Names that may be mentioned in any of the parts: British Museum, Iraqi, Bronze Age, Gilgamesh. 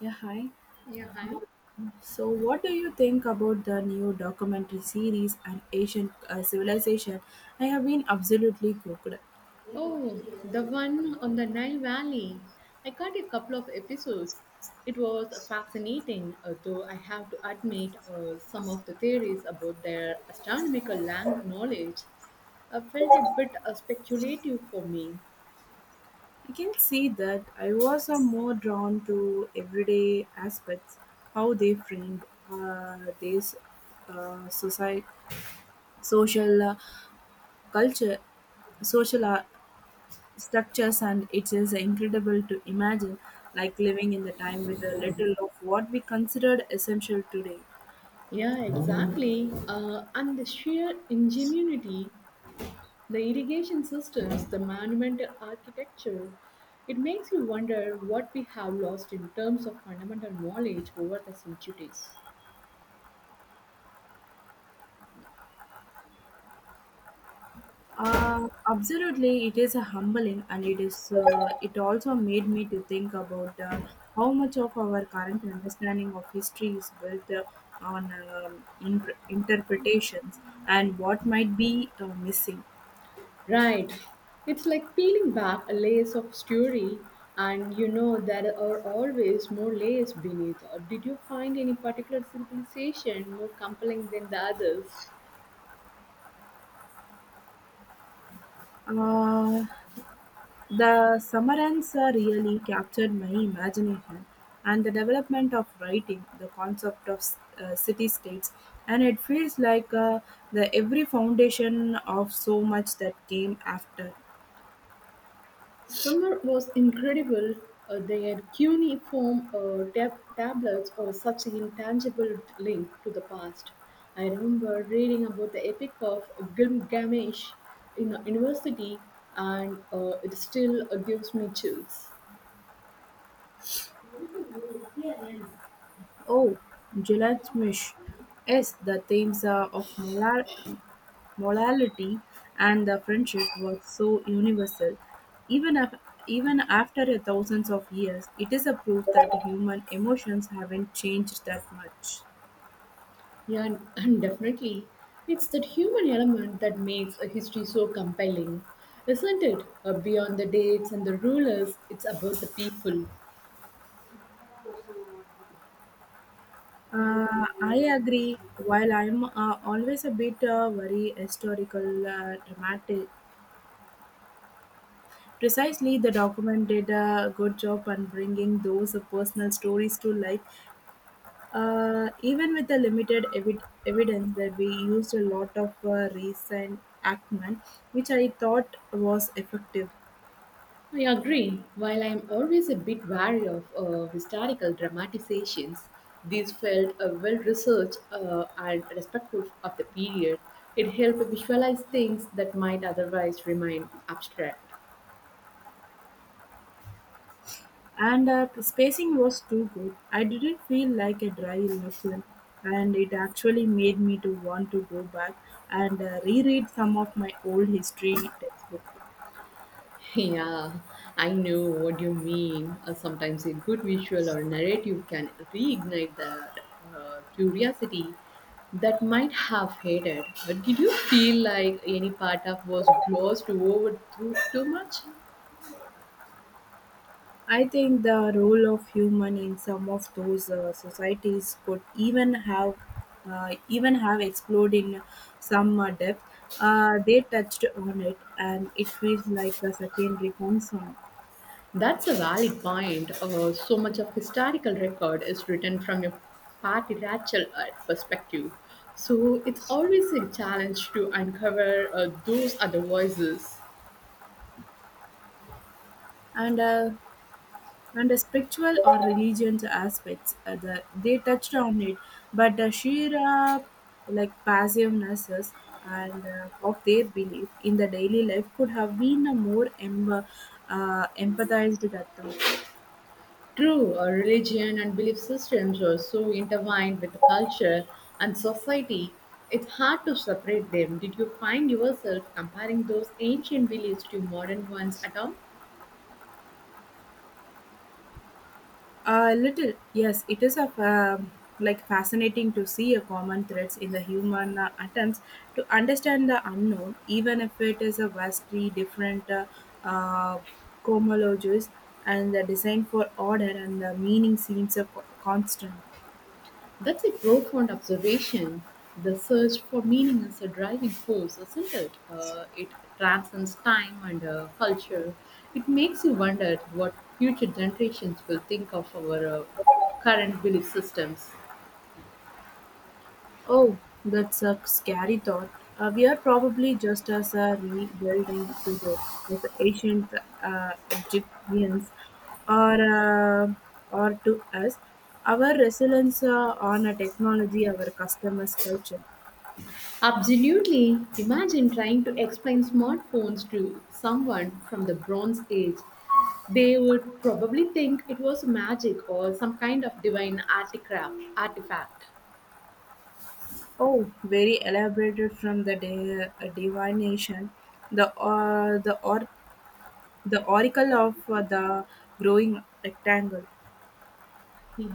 Yeah, hi. Yeah, hi. So, what do you think about the new documentary series on ancient civilization? I have been absolutely hooked. Oh, the one on the Nile Valley. I caught a couple of episodes. It was fascinating, though I have to admit some of the theories about their knowledge felt a bit speculative for me. I can see that I was more drawn to everyday aspects, how they framed this society, social culture, social structures, and it is incredible to imagine like living in the time with a little of what we considered essential today. Yeah, exactly. And the sheer ingenuity, the irrigation systems, the monumental architecture, it makes you wonder what we have lost in terms of fundamental knowledge over the centuries. Absolutely, it is a humbling, and it is. It also made me to think about how much of our current understanding of history is built on interpretations and what might be missing. Right. It's like peeling back a layer of story, and you know there are always more layers beneath. Or did you find any particular civilization more compelling than the others? Uh, the summerance really captured my imagination, and the development of writing, the concept of city states, and it feels like the every foundation of so much that came after. Summer was incredible. They had cuneiform tablets or such an intangible link to the past. I remember reading about the epic of Gilgamesh in a university, and it still gives me chills. Oh, Gilgamesh. Yes, the themes of morality and the friendship was so universal. Even, af- Even after a thousands of years, it is a proof that human emotions haven't changed that much. Yeah, and definitely. It's that human element that makes a history so compelling, isn't it? Beyond the dates and the rulers, it's about the people. I agree. While I'm always a bit very historical, dramatic, precisely the document did a good job on bringing those personal stories to life. Even with the limited evidence that we used a lot of recent acumen, which I thought was effective, I agree. While I'm always a bit wary of historical dramatizations, these felt well researched and respectful of the period. It helped visualize things that might otherwise remain abstract. and spacing was too good. I didn't feel like a dry lecture, and it actually made me to want to go back and reread some of my old history textbooks. Yeah, I know what you mean. Sometimes a good visual or narrative can reignite that curiosity that might have faded. But did you feel like any part of was glossed over too much? I think the role of human in some of those societies could even have explored in some depth. They touched on it, and it feels like a secondary concern. That's a valid point. So much of historical record is written from a party rachel perspective. So it's always a challenge to uncover those other voices. And uh, and the spiritual or religion aspects, they touched on it, but the sheer like passiveness is- and of their belief in the daily life could have been a more empathized at all. True, our religion and belief systems are so intertwined with the culture and society, it's hard to separate them. Did you find yourself comparing those ancient beliefs to modern ones at all? A little, yes, it is a fa- like fascinating to see a common threads in the human attempts to understand the unknown, even if it is a vastly different uh, cohomologies, and the design for order and the meaning seems a constant. That's a profound observation. The search for meaning is a driving force, isn't it? It transcends time and culture. It makes you wonder what future generations will think of our current belief systems. Oh, that's a scary thought. We are probably just as rebuilding today as the ancient Egyptians are, uh, are to us. Our resilience on a technology, our customers' culture. Absolutely. Imagine trying to explain smartphones to someone from the Bronze Age. They would probably think it was magic or some kind of divine artifact. Oh, very elaborated from the divination, the or the oracle of the growing rectangle.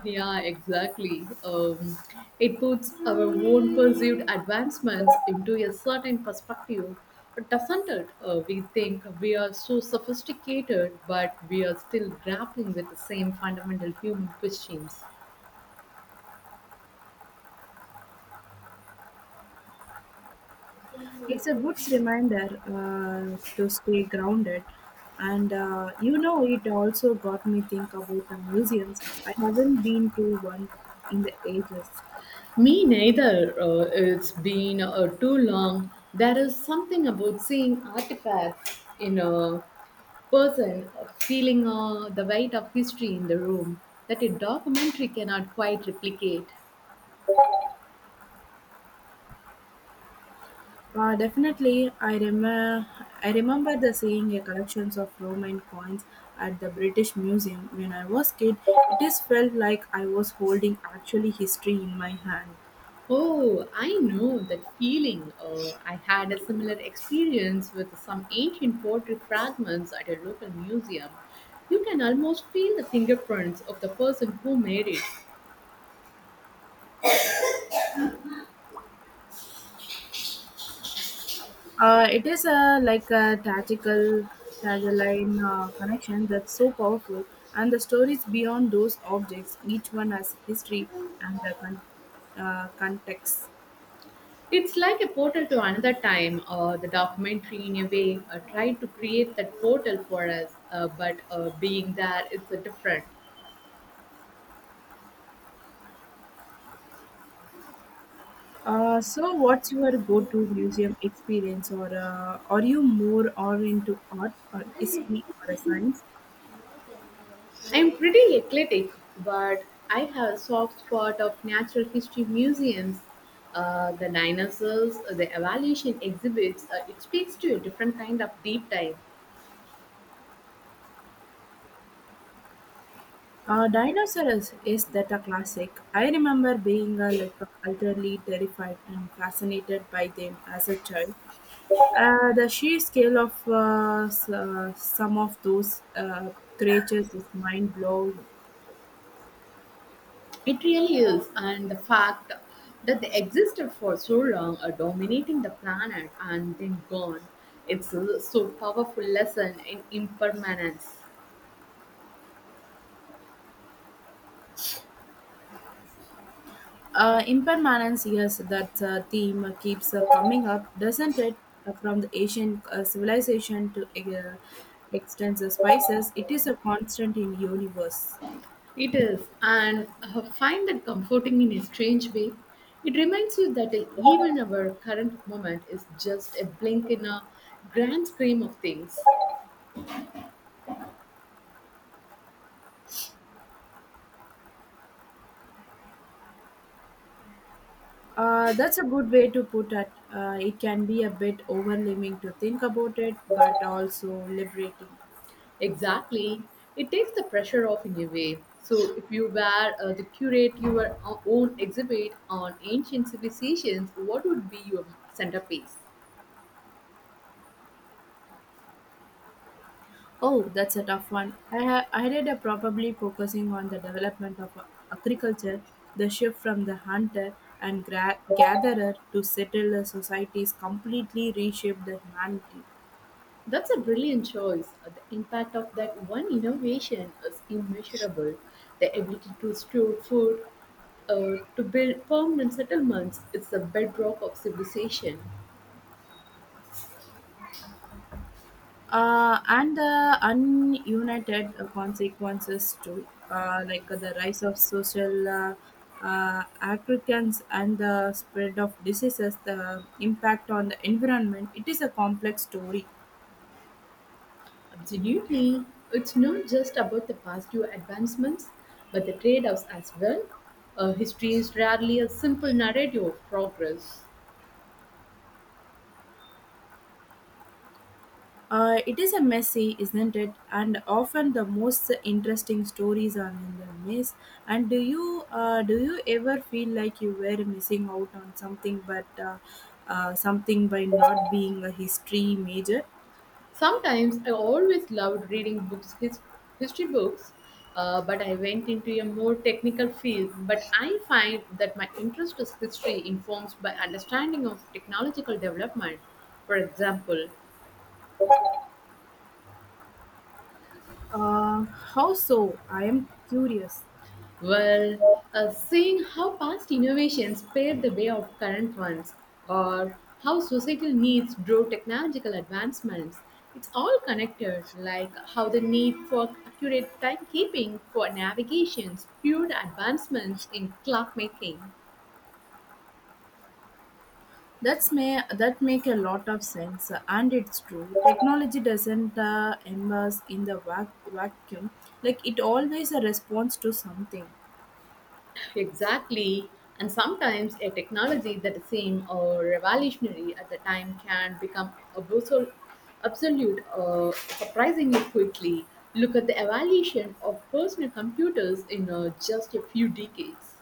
Yeah, exactly. It puts our own perceived advancements into a certain perspective, doesn't it? We think we are so sophisticated, but we are still grappling with the same fundamental human questions. It's a good reminder to stay grounded. And it also got me think about the museums. I haven't been to one in the ages. Me neither. It's been too long. There is something about seeing artifacts in a person, feeling the weight of history in the room that a documentary cannot quite replicate. Definitely, I remember the seeing a collections of Roman coins at the British Museum when I was kid. It just felt like I was holding actually history in my hand. Oh, I know that feeling. I had a similar experience with some ancient pottery fragments at a local museum. You can almost feel the fingerprints of the person who made it. It is a like a tactical tagline connection that's so powerful, and the stories beyond those objects, each one has history and the context. It's like a portal to another time, or the documentary in a way tried to create that portal for us, but being there is a different. So, what's your go-to museum experience, or are you more or into art or history or a science? I'm pretty eclectic, but I have a soft spot of natural history museums, the dinosaurs, the evaluation exhibits. It speaks to a different kind of deep dive. Dinosaurs is that a classic. I remember being like utterly terrified and fascinated by them as a child. The sheer scale of some of those creatures is mind blowing. It really is, and the fact that they existed for so long are dominating the planet and then gone. It's a so powerful lesson in impermanence. Impermanence, yes, that theme keeps coming up, doesn't it? From the Asian civilization to extensive spices, it is a constant in universe. It is, and I find that comforting in a strange way. It reminds you that even our current moment is just a blink in a grand scheme of things. That's a good way to put it. It can be a bit overwhelming to think about it, but also liberating. Exactly. It takes the pressure off in a way. So, if you were to curate your own exhibit on ancient civilizations, what would be your centerpiece? Oh, that's a tough one. I did a probably focusing on the development of agriculture, the shift from the hunter and gatherer to settler societies completely reshaped the humanity, That's a brilliant choice. The impact of that one innovation is immeasurable. The ability to store food, to build permanent settlements, is the bedrock of civilization. And the ununited consequences too, like the rise of social. Agriculture and the spread of diseases, the impact on the environment. It is a complex story. Absolutely. It's not just about the positive advancements, but the trade offs as well. History is rarely a simple narrative of progress. It is a messy, isn't it? And often the most interesting stories are in the mess. And do you ever feel like you were missing out on something, but something by not being a history major? Sometimes I always loved reading books, history books, but I went into a more technical field. But I find that my interest is history informs by understanding of technological development, for example. Uh, how so? I am curious. Well, seeing how past innovations paved the way of current ones, or how societal needs drove technological advancements, it's all connected, like how the need for accurate timekeeping for navigation fueled advancements in clockmaking. That's may that make a lot of sense, and it's true. Technology doesn't immerse in the vacuum; like it always a response to something. Exactly. And sometimes a technology that seems revolutionary at the time can become absolute surprisingly quickly. Look at the evolution of personal computers in just a few decades.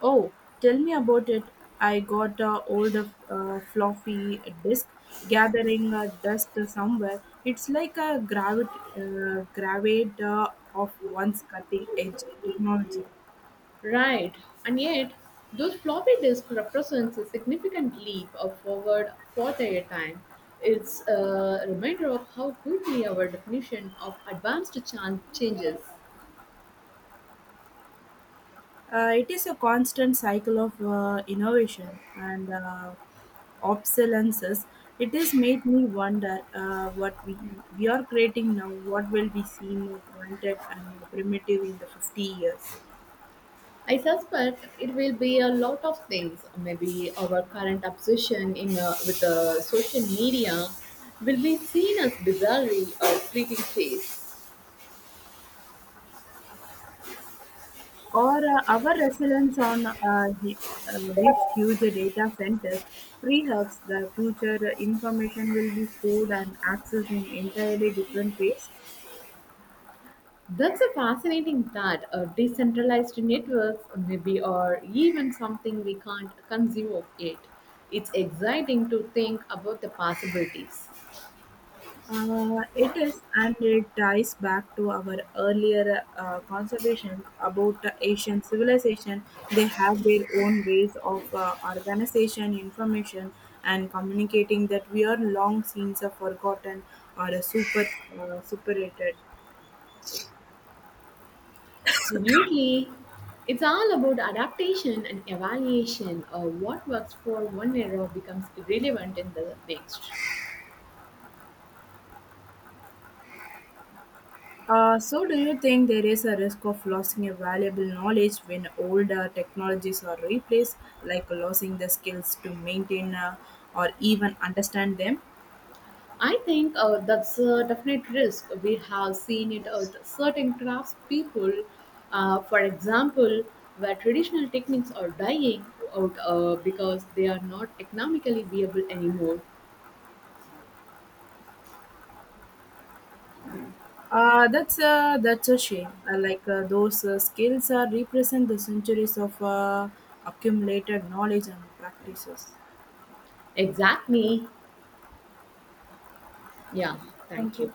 Oh, tell me about it. I got a old floppy disk gathering dust somewhere. It's like a gravit gravate of one's cutting edge technology. Right. And yet, those floppy disk represents a significant leap of forward for their time. It's a reminder of how quickly our definition of advanced changes. It is a constant cycle of innovation and obsolescence. It has made me wonder we are creating now, what will be seen more granted and primitive in the 50 years. I suspect it will be a lot of things. Maybe our current obsession in with social media will be seen as bizarrely or fleeting phase. Or our reliance on these huge data centers, perhaps the future information will be stored and accessed in entirely different ways. That's a fascinating thought. A decentralized networks, maybe, or even something we can't conceive of yet. It's exciting to think about the possibilities. It is, and it ties back to our earlier conservation about the Asian civilization. They have their own ways of organization, information, and communicating that we are long since forgotten or superated. Absolutely. It's all about adaptation and evaluation. What works for one era becomes irrelevant in the next. So, do you think there is a risk of losing a valuable knowledge when older technologies are replaced, like losing the skills to maintain or even understand them? I think that's a definite risk. We have seen it with certain crafts people, for example, where traditional techniques are dying out because they are not economically viable anymore. That's a shame. Like those skills are represent the centuries of accumulated knowledge and practices. Exactly. Yeah. Thank Thank you. you.